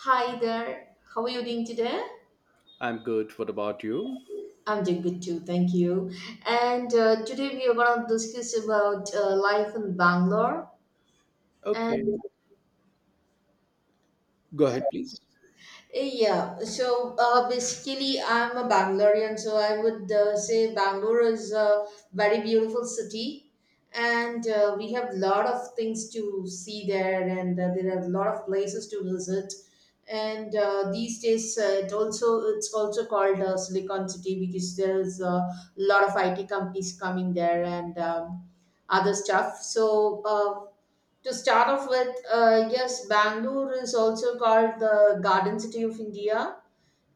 Hi there. How are you doing today? I'm good. What about you? I'm doing good too, thank you. And Today we are going to discuss about life in Bangalore. Okay. And Go ahead, please. Yeah, so basically, I'm a Bangalorean, so I would say Bangalore is a very beautiful city, and we have a lot of things to see there, and there are a lot of places to visit. And these days, it's also called Silicon City, because there is a lot of IT companies coming there, and other stuff. So. To start off with, yes, Bangalore is also called the Garden City of India.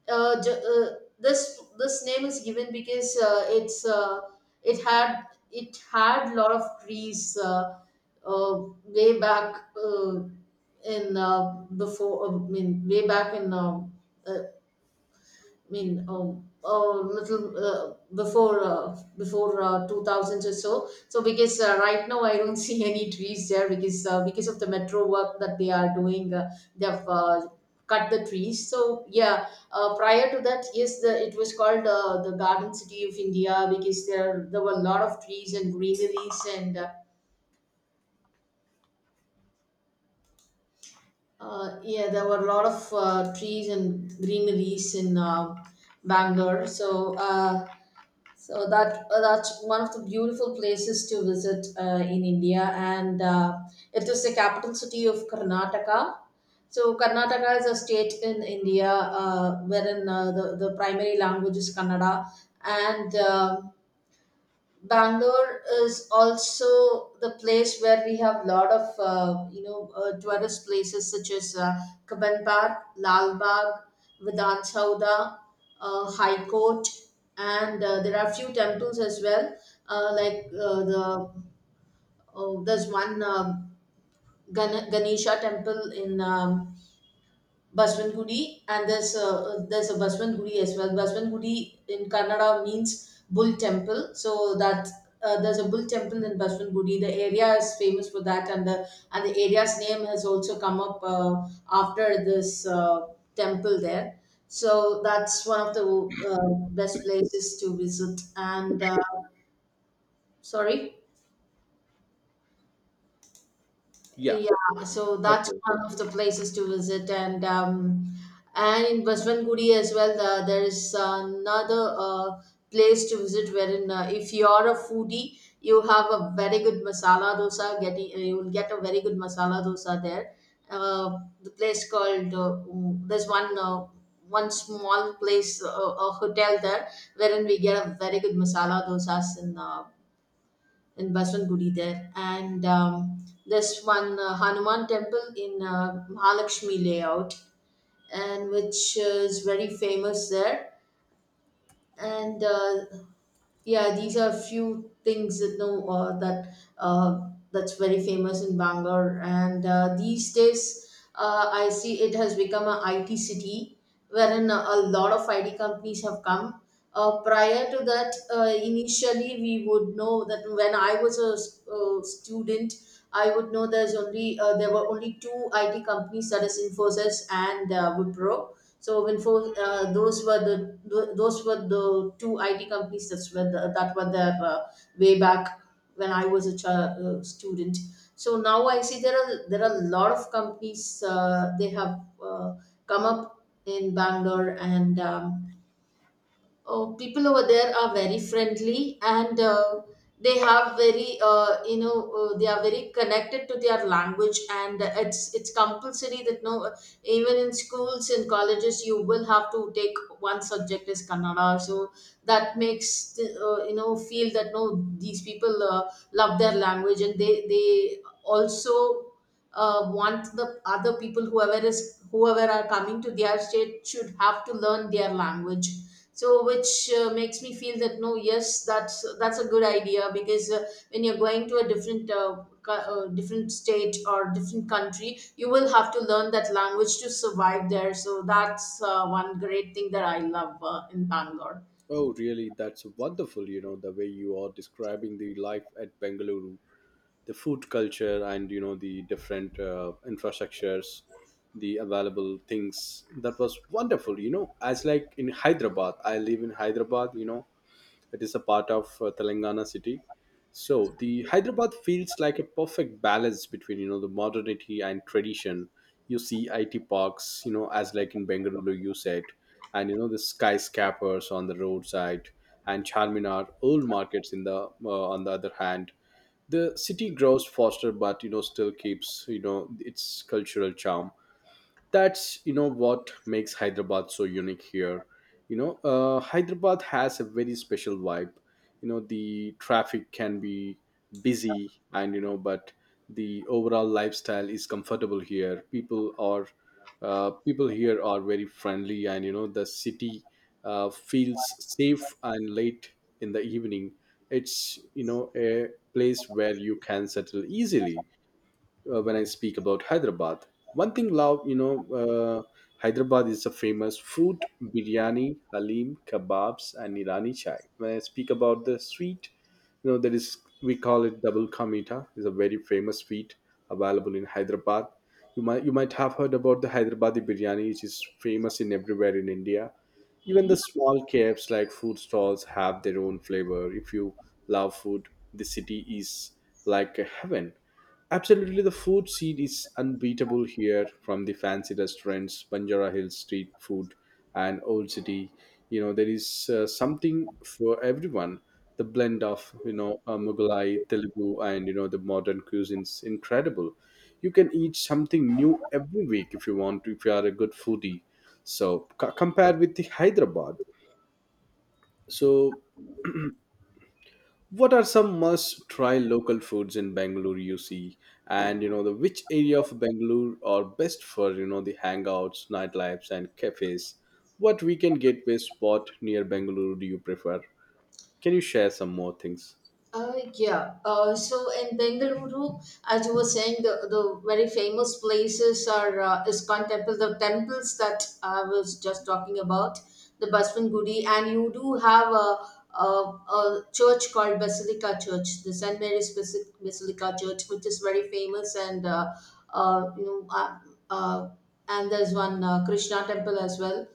This name is given because it had it had a lot of trees uh, way back, in before I mean, way back in, uh, I mean, little before 2000s or so. So because right now I don't see any trees there, because of the metro work that they are doing. They have cut the trees. So yeah, prior to that, yes, it was called the Garden City of India, because there were a lot of trees and greeneries and. Yeah, there were a lot of trees and greeneries in Bangalore. So that's one of the beautiful places to visit in India, and it is the capital city of Karnataka. So, Karnataka is a state in India, wherein the primary language is Kannada, and Bangalore is also the place where we have lot of tourist places such as Kabban Park, Lal Bagh, Vidhan Chowda, High Court, and there are few temples as well. Like there's one Ganesha temple in Baswan Gudi, and there's a Baswan Gudi as well. Baswan Gudi in Kannada means bull temple. So that there's a bull temple in Baswan Gudi. The area is famous for that, and the area's name has also come up after this temple there. So that's one of the best places to visit. And Sorry. Yeah. Yeah, so that's Okay. one of the places to visit, and in Baswangudi as well, there is another place to visit wherein, if you're a foodie, you have a very good masala dosa. Getting You will get a very good masala dosa there. Uh, the place called uh, there's one small place, a hotel there, wherein we get a very good masala dosas in Bajrang Gudi there, and there's one Hanuman temple in Mahalakshmi layout, and which is very famous there. And yeah, these are few things that know that that's very famous in Bangalore. And these days, I see it has become a IT city, wherein a lot of IT companies have come. Prior to that, initially we would know that when I was a student, I would know there were only two IT companies, that is Infosys and Wipro. So those were the two IT companies that were there, way back when I was a child, student. So now I see there are a lot of companies. They have come up in Bangalore, and oh, people over there are very friendly, and they have very you know they are very connected to their language, and it's compulsory that no, even in schools and colleges you will have to take one subject is Kannada. So that makes the, feel that no, these people love their language, and they also want the other people, whoever are coming to their state should have to learn their language. So which makes me feel that no, yes, that's a good idea, because when you're going to a different different state or different country, you will have to learn that language to survive there. So that's one great thing that I love in Bangalore. Oh, really? That's wonderful, you know, the way you are describing the life at Bengaluru, the food culture, and, you know, the different infrastructures, the available things. That was wonderful, you know, as like in Hyderabad. I live in Hyderabad, you know. It is a part of Telangana city. So the Hyderabad feels like a perfect balance between, you know, the modernity and tradition. You see IT parks, you know, as like in Bengaluru, you said, and you know the skyscrapers on the roadside and Charminar old markets in the on the other hand. The city grows faster, but you know still keeps, you know, its cultural charm. That's, you know, what makes Hyderabad so unique here. You know, Hyderabad has a very special vibe. You know, the traffic can be busy and you know, but the overall lifestyle is comfortable here. People are, people here are very friendly, and you know the city feels safe, and late in the evening, it's, you know, a place where you can settle easily. When I speak about Hyderabad. One thing, love, you know, Hyderabad is a famous food, biryani, halim, kebabs, and Irani chai. When I speak about the sweet, you know, there is, we call it double ka meetha. Is a very famous sweet available in Hyderabad. You might have heard about the Hyderabadi biryani, which is famous in everywhere in India. Even the Mhm. small cafes like food stalls have their own flavor. If you love food, the city is like a heaven. Absolutely, the food scene is unbeatable here, from the fancy restaurants, Banjara Hills street food, and Old City. You know, there is something for everyone, the blend of, you know, Mughalai, Telugu, and you know the modern cuisines incredible. You can eat something new every week if you want to, if you are a good foodie. So compared with the Hyderabad, so what are some must try local foods in Bangalore you see, and you know the which area of Bangalore are best for, you know, the hangouts, nightlifes, and cafes? What weekend gateway spot near Bangalore do you prefer? Can you share some more things? Yeah. So in Bengaluru, as you were saying, the very famous places are Iskon temple, the temples that I was just talking about, the Basvan Gudi, and you do have a church called Basilica Church, the Saint Mary's Basilica Church, which is very famous, and uh, you know, uh, uh, and there's one Krishna temple as well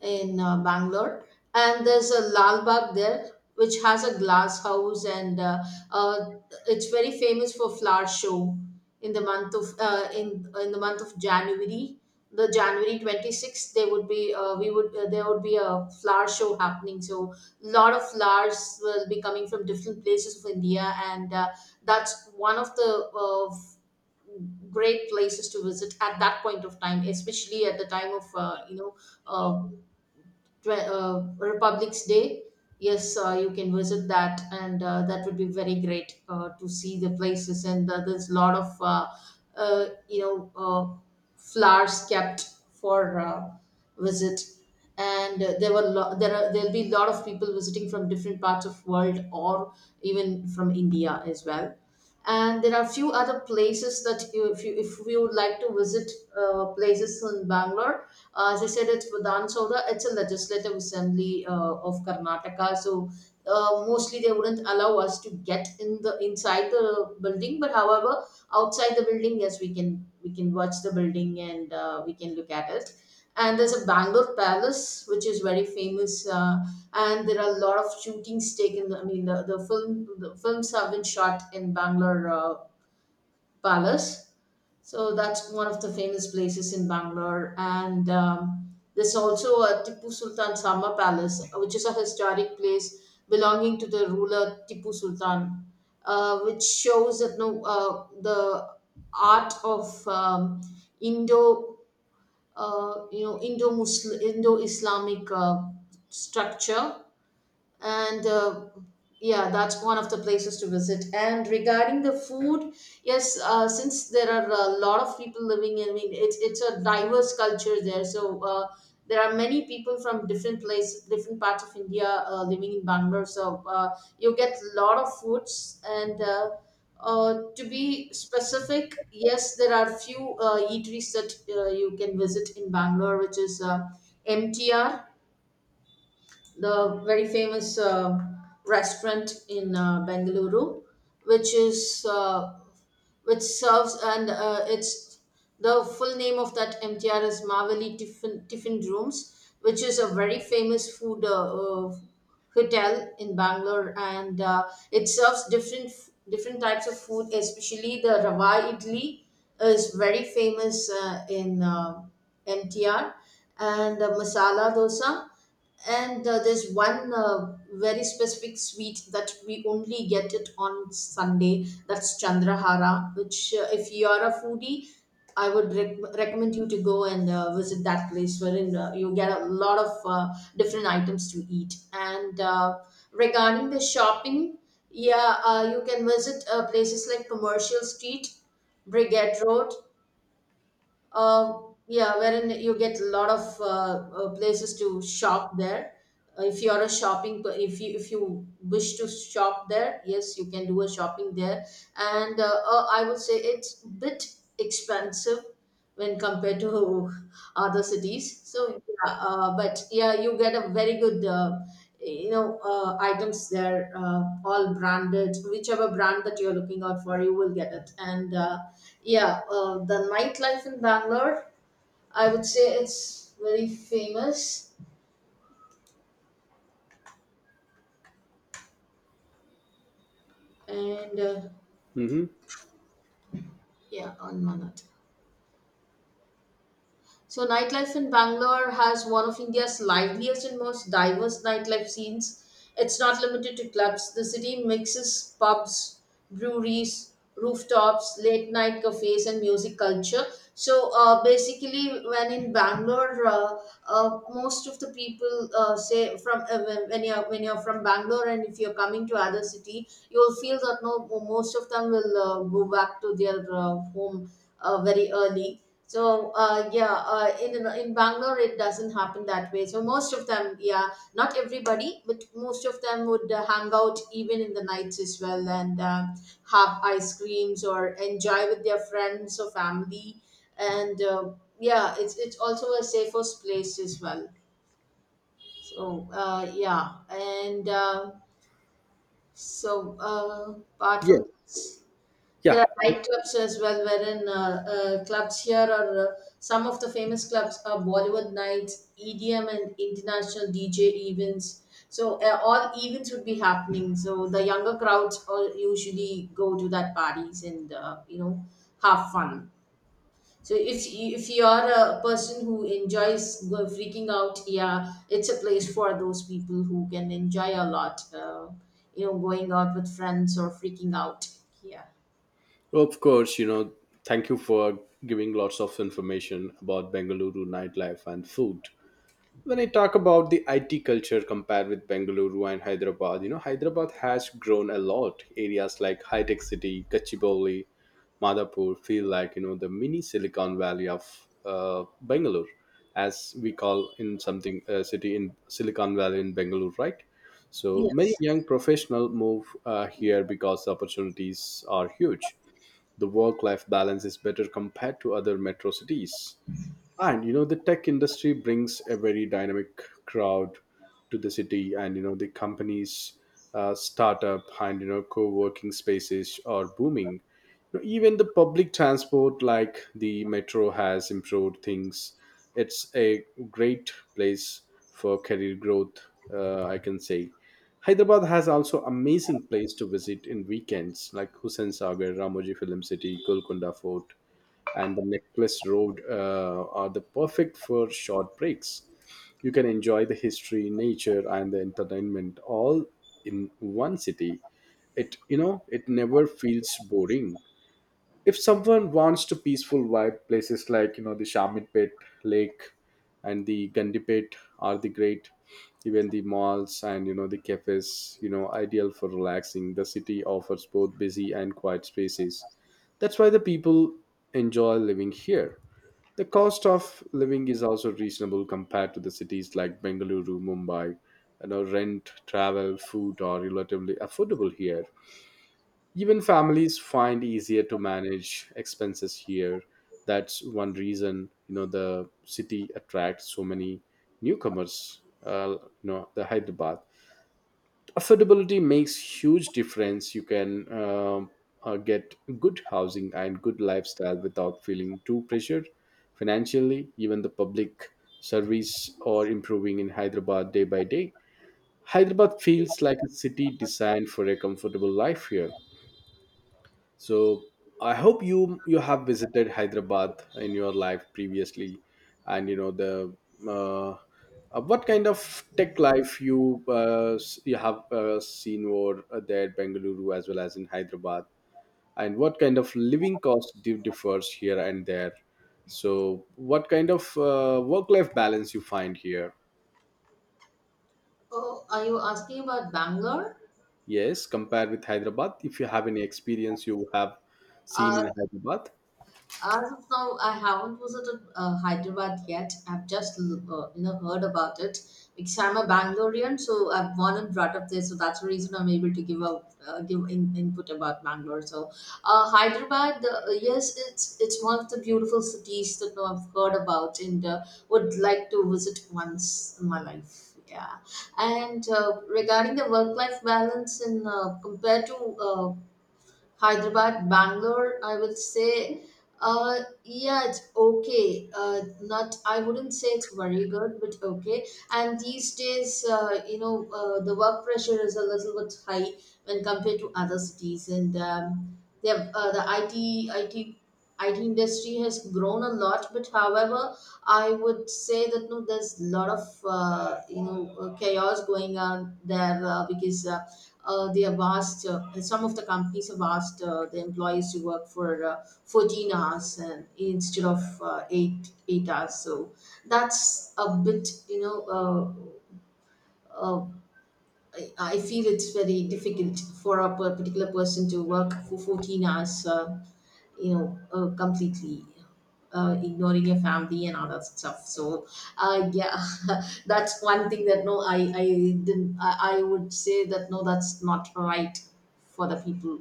in Bangalore, and there's a Lal Bagh there, which has a glass house, and uh, it's very famous for flower show in the month of in the month of January. The January 26th, there would be we would there would be a flower show happening. So a lot of flowers will be coming from different places of India, and that's one of the great places to visit at that point of time, especially at the time of, uh, Republic's Day. Yes, you can visit that, and that would be very great to see the places. And there's a lot of uh, you know uh, flowers kept for visit, and there were lo- there are there'll be a lot of people visiting from different parts of world, or even from India as well. And there are few other places that, you if we would like to visit places in Bangalore, as I said, it's Vidhan Sabha. It's a legislative assembly of Karnataka, so mostly they wouldn't allow us to get in the inside the building. But however, outside the building, yes, we can watch the building, and we can look at it. And there's a Bangalore Palace, which is very famous. And there are a lot of shootings taken. I mean, the films have been shot in Bangalore Palace. So that's one of the famous places in Bangalore. And there's also a Tipu Sultan Sama Palace, which is a historic place belonging to the ruler Tipu Sultan, which shows that no, the art of Indo, Indo-Muslim, Indo-Islamic structure. And yeah, that's one of the places to visit. And regarding the food, yes, since there are a lot of people living in. I mean, it's a diverse culture there. So there are many people from different places, different parts of India, living in Bangalore. So, you get a lot of foods. And to be specific, yes, there are few eateries that you can visit in Bangalore, which is MTR, the very famous restaurant in Bengaluru, which is uh, which serves. And It's, the full name of that MTR is Mavali Tiffin, Tiffin Rooms, which is a very famous food hotel in Bangalore, and it serves different types of food, especially the Rava Idli is very famous in MTR. And the masala dosa. And there's one very specific sweet that we only get it on Sunday, that's Chandrahara, which if you're a foodie, I would recommend you to go and visit that place, wherein you get a lot of different items to eat. And regarding the shopping, yeah, you can visit places like Commercial Street, Brigade Road, uh, yeah, wherein you get a lot of places to shop there. If you are a shopping, per- if you wish to shop there, yes, you can do a shopping there. And I would say it's bit expensive when compared to other cities. So yeah, but yeah, you get a very good, items there, all branded. Whichever brand that you're looking out for, you will get it. And yeah, the nightlife in Bangalore, I would say it's very famous. And Hmm. yeah, on Manat. So, nightlife in Bangalore has one of India's liveliest and most diverse nightlife scenes. It's not limited to clubs. The city mixes pubs, breweries, rooftops, late night cafes, and music culture. So, basically, when in Bangalore, most of the people say from when you're from Bangalore, and if you're coming to other city, you'll feel that no, most of them will go back to their home very early. So yeah, in Bangalore it doesn't happen that way. So most of them, yeah, not everybody, but most of them would hang out even in the nights as well, and have ice creams or enjoy with their friends or family. And yeah, it's also a safest place as well. So, yeah, and so apart Yeah, from, there yeah. are nightclubs as well, wherein clubs here are, some of the famous clubs are Bollywood nights, EDM, and international DJ events. So all events would be happening. So the younger crowds all usually go to that parties and have fun. So if you are a person who enjoys go freaking out, yeah, it's a place for those people who can enjoy a lot. Going out with friends or freaking out. Yeah. Of course, you know, thank you for giving lots of information about Bengaluru nightlife and food. When I talk about the IT culture compared with Bengaluru and Hyderabad, you know, Hyderabad has grown a lot. Areas like High Tech City, Kachibowli, Madhapur feel like, you know, the mini Silicon Valley of Bengaluru, as we call in something, city in Silicon Valley in Bengaluru, right? So many Yes. young professionals move here because the opportunities are huge, the work life balance is better compared to other metro cities, and you know the tech industry brings a very dynamic crowd to the city, and you know the companies, startup, and you know co-working spaces are booming. You know, even the public transport like the metro has improved things. It's a great place for career growth, I can say. Hyderabad has also amazing place to visit in weekends, like Hussain Sagar, Ramoji Film City, Golconda Fort, and the Necklace Road are the perfect for short breaks. You can enjoy the history, nature, and the entertainment all in one city. It, you know, it never feels boring. If someone wants to peaceful vibe, places like, you know, the shamitpet lake and the Gandipet are the great. Even the malls and you know the cafes, you know, ideal for relaxing. The city offers both busy and quiet spaces. That's why the people enjoy living here. The cost of living is also reasonable compared to the cities like Bengaluru, Mumbai. You know, rent, travel, food are relatively affordable here. Even families find easier to manage expenses here. That's one reason, you know, the city attracts so many newcomers. You know, the Hyderabad affordability makes huge difference. You can get good housing and good lifestyle without feeling too pressured financially. Even the public service are improving in Hyderabad day by day. Hyderabad feels like a city designed for a comfortable life here. So I hope you have visited Hyderabad in your life previously, and you know the uh, what kind of tech life you you have seen over there, at Bengaluru as well as in Hyderabad, and what kind of living cost differs here and there. So what kind of work life balance you find here? Oh, are you asking about Bangalore? Yes, compared with Hyderabad, if you have any experience you have seen Uh, in Hyderabad. as of now, I haven't visited Hyderabad yet. I've just heard about it, because I'm a Bangalorean, so I've born and brought up there. So that's the reason I'm able to give out give in, input about Bangalore. So Hyderabad, yes, it's one of the beautiful cities that I've heard about, and would like to visit once in my life. Yeah. And regarding the work-life balance and compared to Hyderabad, Bangalore, I will say, yeah, it's okay. Not, I wouldn't say it's very good, but okay. And these days, the work pressure is a little bit high when compared to other cities, and they have, the IT industry has grown a lot. But however, I would say that no, there's a lot of chaos going on there, because. They have asked, some of the companies have asked the employees to work for 14 hours, and instead of eight eight hours. So that's a bit, uh, I feel it's very difficult for a particular person to work for 14 hours, completely ignoring your family and all that stuff. So, yeah, that's one thing that no, I didn't, I would say that no, that's not right for the people.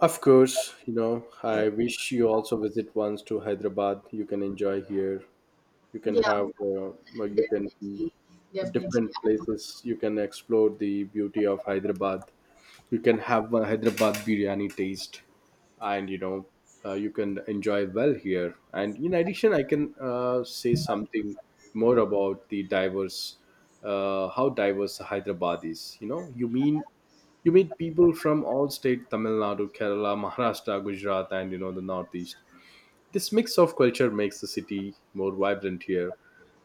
Of course, you know, Yeah, I wish you also visit once to Hyderabad. You can enjoy here. You can yeah, have, well, you can be definitely. at Definitely. different I- places. You can explore the beauty of Hyderabad. You can have a Hyderabad biryani taste, and you know, you can enjoy well here. And in addition, I can say something more about the diverse, how diverse Hyderabad is. You know, you meet people from all state, Tamil Nadu, Kerala, Maharashtra, Gujarat, and you know the Northeast. This mix of culture makes the city more vibrant here,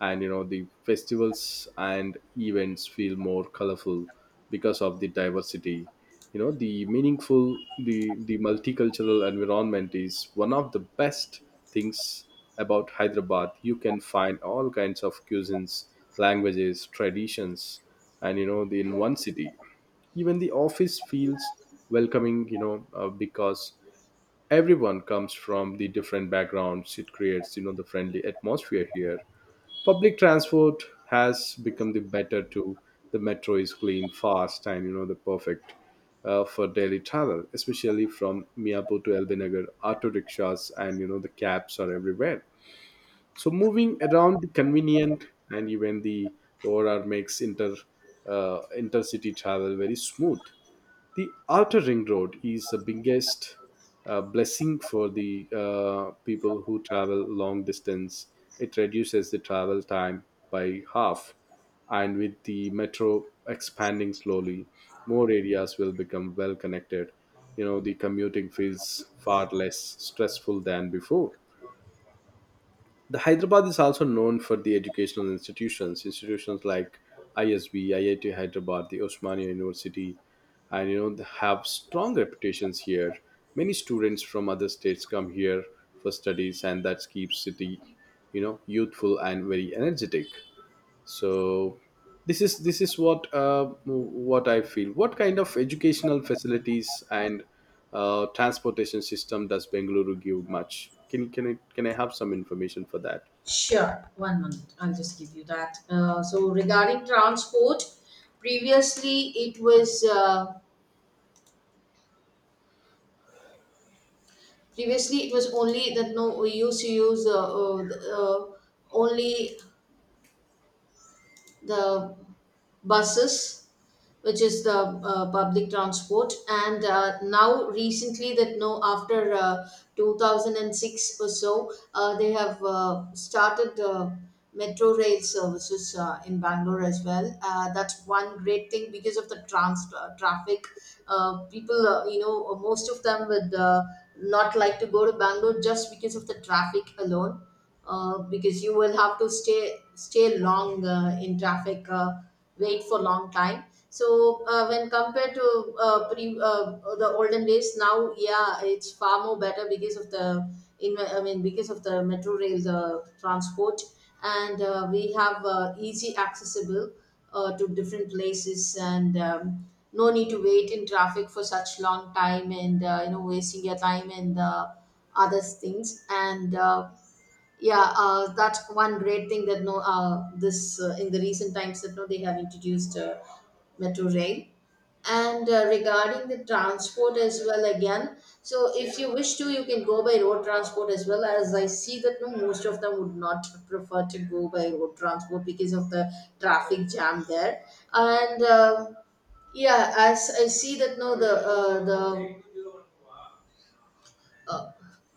and you know the festivals and events feel more colorful because of the diversity. You know, the meaningful, the the multicultural environment is one of the best things about Hyderabad. You can find all kinds of cuisines, languages, traditions, and you know the, in one city, even the office feels welcoming, you know, because everyone comes from the different backgrounds. It creates, you know, the friendly atmosphere here. Public transport has become the better too. The metro is clean, fast, and you know the perfect for daily travel, especially from Miapo to Elbinagar. Auto rickshaws and you know the cabs are everywhere, so moving around the convenient, and even the overall makes inter, intercity travel very smooth. The outer ring road is the biggest blessing for the people who travel long distance. It reduces the travel time by half, and with the metro expanding slowly, more areas will become well connected. You know, the commuting feels far less stressful than before. The Hyderabad is also known for the educational institutions, institutions like ISB, IIT Hyderabad, the Osmania University, and you know they have strong reputations here. Many students from other states come here for studies, and that keeps city, you know, youthful and very energetic. So this is what I feel. What kind of educational facilities and transportation system does Bengaluru give much? Can I have some information for that? Sure. One minute. I'll just give you that. So regarding transport, previously it was uh, previously, it was only that no, we used to use only the buses, which is the public transport. And now, recently, that no, after 2006 or so, they have started metro rail services in Bangalore as well. That's one great thing. Because of the trans traffic, people, most of them would not like to go to Bangalore just because of the traffic alone, because you will have to stay long in traffic, wait for long time. So, when compared to pre the olden days, now, yeah, it's far more better because of the, in I mean because of the metro rail, the transport. And we have easy accessible to different places, and no need to wait in traffic for such long time, and wasting your time and other things. And yeah, that's one great thing that no, this in the recent times that no, they have introduced metro rail. And regarding the transport as well, again, so if you wish to, you can go by road transport as well. As I see that no, most of them would not prefer to go by road transport because of the traffic jam there. And yeah, as I see that no, the the uh,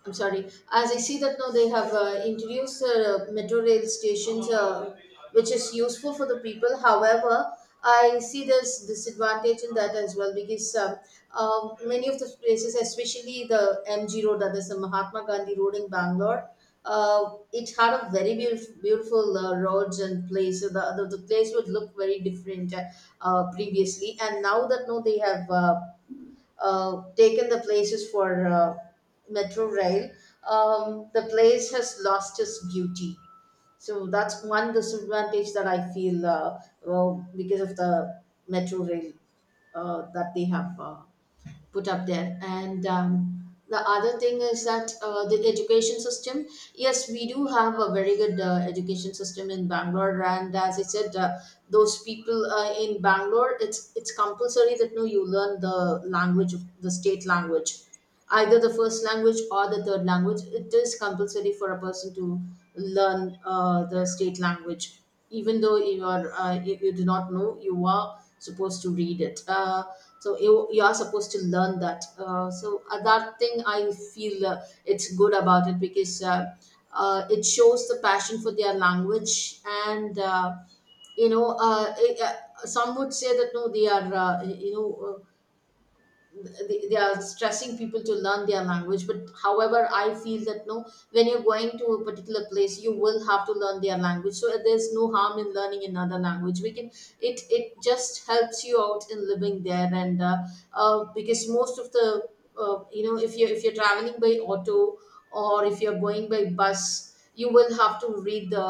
I'm sorry. As I see that now, they have introduced metro rail stations, which is useful for the people. However, I see there's disadvantage in that as well, because many of the places, especially the MG Road, that is the Mahatma Gandhi Road in Bangalore, it had a very beautiful roads and place. So the place would look very different previously, and now that no, they have. Taken the places for metro rail, the place has lost its beauty. So that's one disadvantage that I feel, well, because of the metro rail that they have. Put up there. And the other thing is that, the education system. Yes, we do have a very good education system in Bangalore, and as I said, those people in Bangalore, it's compulsory that no, you learn the language of the state language, either the first language or the third language. It is compulsory for a person to learn the state language, even though you are you do not know, you are supposed to read it. So you are supposed to learn that. So that thing I feel it's good about it, because it shows the passion for their language. And. You know, eh, Some would say that no, they are, they are stressing people to learn their language, but however, I feel that no, when you're going to a particular place, you will have to learn their language. So, there's no harm in learning another language. We can, it just helps you out in living there. And, because most of the, if you- if you're traveling by auto, or if you're going by bus, you will have to read the,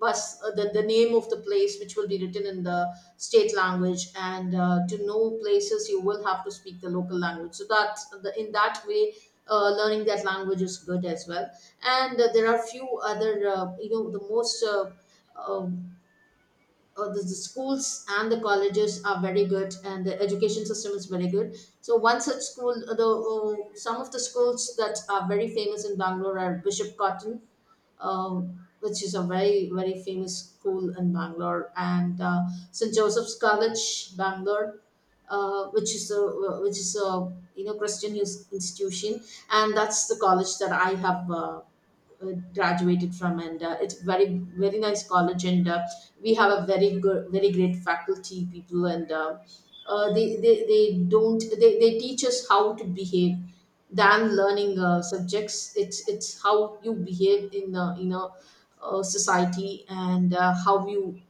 the name of the place, which will be written in the state language, and to know places, you will have to speak the local language, so that in that way, learning that language is good as well. And there are few other, the most, uh, the schools and the colleges are very good, and the education system is very good. So one such school, the some of the schools that are very famous in Bangalore are Bishop Cotton, which is a very very famous school in Bangalore. And St Joseph's College Bangalore, which is a, which is a, you know, Christian institution, and that's the college that I have graduated from. And it's very very nice college. And we have a very good, very great faculty people. And they don't, they teach us how to behave than learning subjects. It's how you behave in, in a society, and how you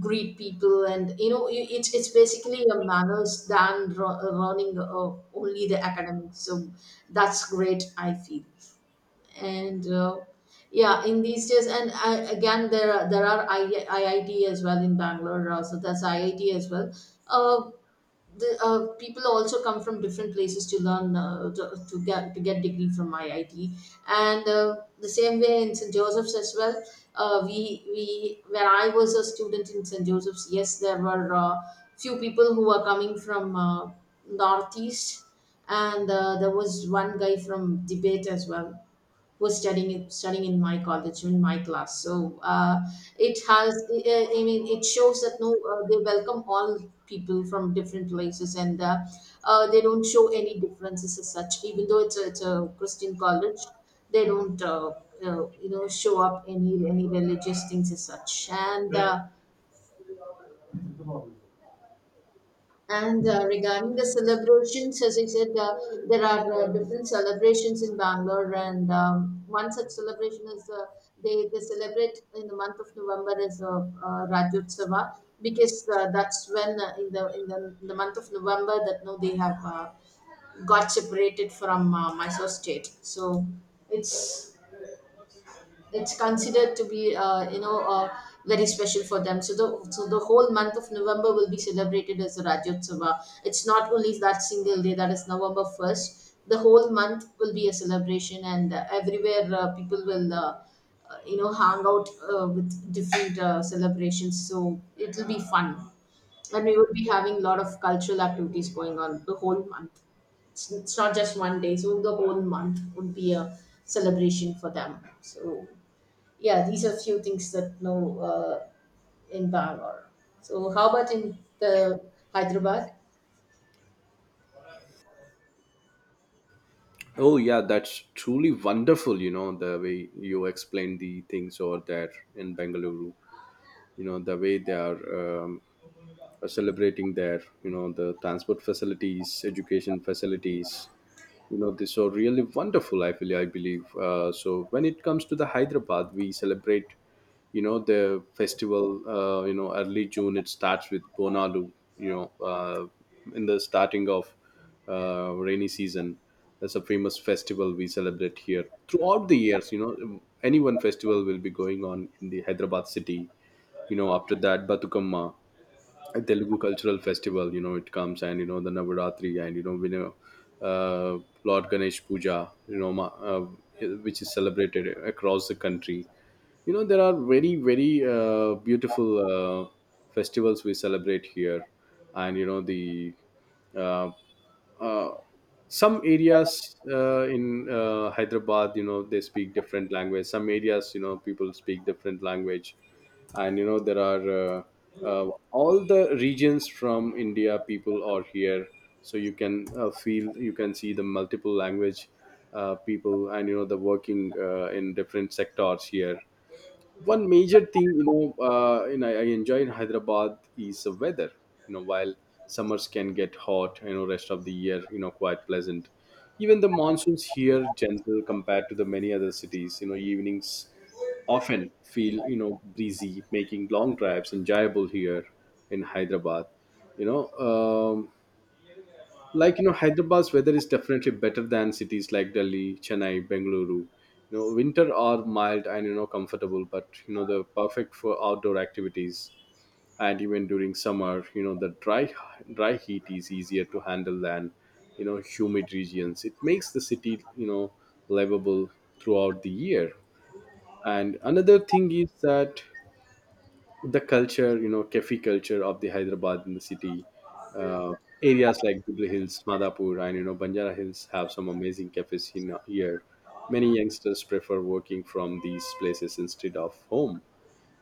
greet people, and you know, it's basically a manners than running only the academics. So that's great, I feel. And yeah, in these days. And again, there are, IIT as well in Bangalore, so that's IIT as well. uh, People also come from different places to learn, to get, to get degree from IIT. And the same way in St Joseph's as well. We, when I was a student in St Joseph's, yes, there were few people who were coming from northeast. And there was one guy from Tibet as well, was studying in studying in my college, in my class. So, it has, it shows that no, they welcome all people from different places. And they don't show any differences as such, even though it's a Christian college, they don't show up any religious things as such. And right, and regarding the celebrations, as I said, there are different celebrations in Bangalore. And one such celebration is, they celebrate in the month of November, is Rajotsava, because that's when in the, in the month of November, that now, they have got separated from Mysore state. So it's it's considered to be very special for them. So the, whole month of November will be celebrated as Rajyotsava. It's not only that single day, that is November 1st. The whole month will be a celebration, and everywhere, people will hang out with different celebrations, so it will be fun. And we will be having a lot of cultural activities going on the whole month. It's not just one day, so the whole month would be a celebration for them. So yeah, these are few things that know, in Bangalore. So, how about in the Hyderabad? Oh yeah, that's truly wonderful. You know the way you explain the things over there in Bengaluru. You know the way they are celebrating their, you know, the transport facilities, education facilities, you know these are really wonderful. I feel, I believe, so when it comes to the Hyderabad, we celebrate, you know, the festival. You know, early June it starts with Bonalu, you know, uh, in the starting of rainy season. That's a famous festival we celebrate here throughout the years. You know, any one festival will be going on in the Hyderabad city. You know, after that, Batukamma, a Telugu cultural festival. You know, it comes, and you know the Navaratri, and you know we know uh, Lord Ganesh Puja. You know, which is celebrated across the country. You know, there are very very beautiful uh, festivals we celebrate here, and you know the uh, uh, some areas in Hyderabad, you know they speak different language. Some areas, you know, people speak different language, and you know there are uh, all the regions from India people are here. So you can feel, you can see the multiple language people, and you know the working in different sectors here. One major thing, you know, and I enjoy in Hyderabad is the weather. You know, while summers can get hot, you know rest of the year, you know, quite pleasant. Even the monsoons here gentle compared to the many other cities. You know, evenings often feel, you know, breezy, making long drives enjoyable here in Hyderabad. You know, like, you know, Hyderabad's weather is definitely better than cities like Delhi, Chennai, Bengaluru. You know, winter are mild and you know comfortable, but you know they're perfect for outdoor activities, and even during summer, you know the dry heat is easier to handle than, you know, humid regions. It makes the city, you know, livable throughout the year. And another thing is that the culture, you know, Kefi culture of the Hyderabad in the city. Uh, Areas like Jubilee Hills, Madhapur, and you know Banjara Hills have some amazing cafes in, here. Many youngsters prefer working from these places instead of home.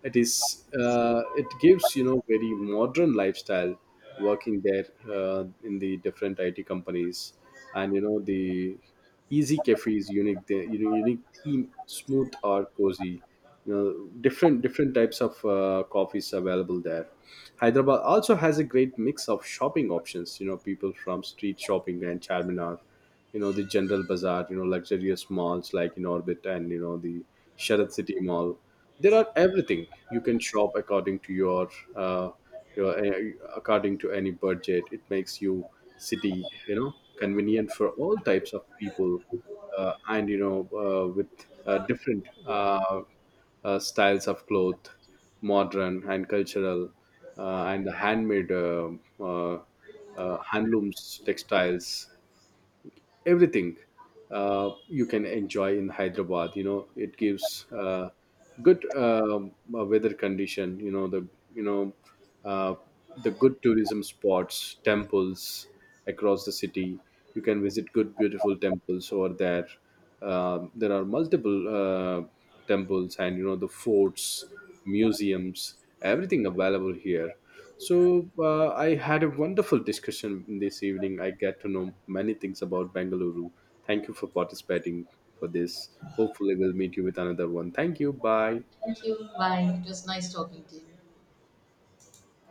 It is, it gives, you know, very modern lifestyle working there, in the different IT companies, and you know the easy cafes unique, the, you know, unique theme smooth or cozy, you know different types of coffees available there. Hyderabad also has a great mix of shopping options. You know, people from street shopping and Charminar, you know the general bazaar, you know luxurious malls like in orbit, and you know the Sharad City Mall, there are everything. You can shop according to uh, your according to any budget. It makes you city, you know, convenient for all types of people, and you know with different styles of cloth, modern and cultural, and the handmade, uh, handlooms, textiles, everything, you can enjoy in Hyderabad. You know, it gives good, weather condition. You know the, you know, uh, the good tourism spots, temples across the city. You can visit good beautiful temples over there. Um, there are multiple temples, and you know the forts, museums, everything available here. So I had a wonderful discussion this evening. I get to know many things about Bengaluru. Thank you for participating for this. Hopefully, we'll meet you with another one. Thank you. Bye. Thank you. Bye. It was nice talking to you.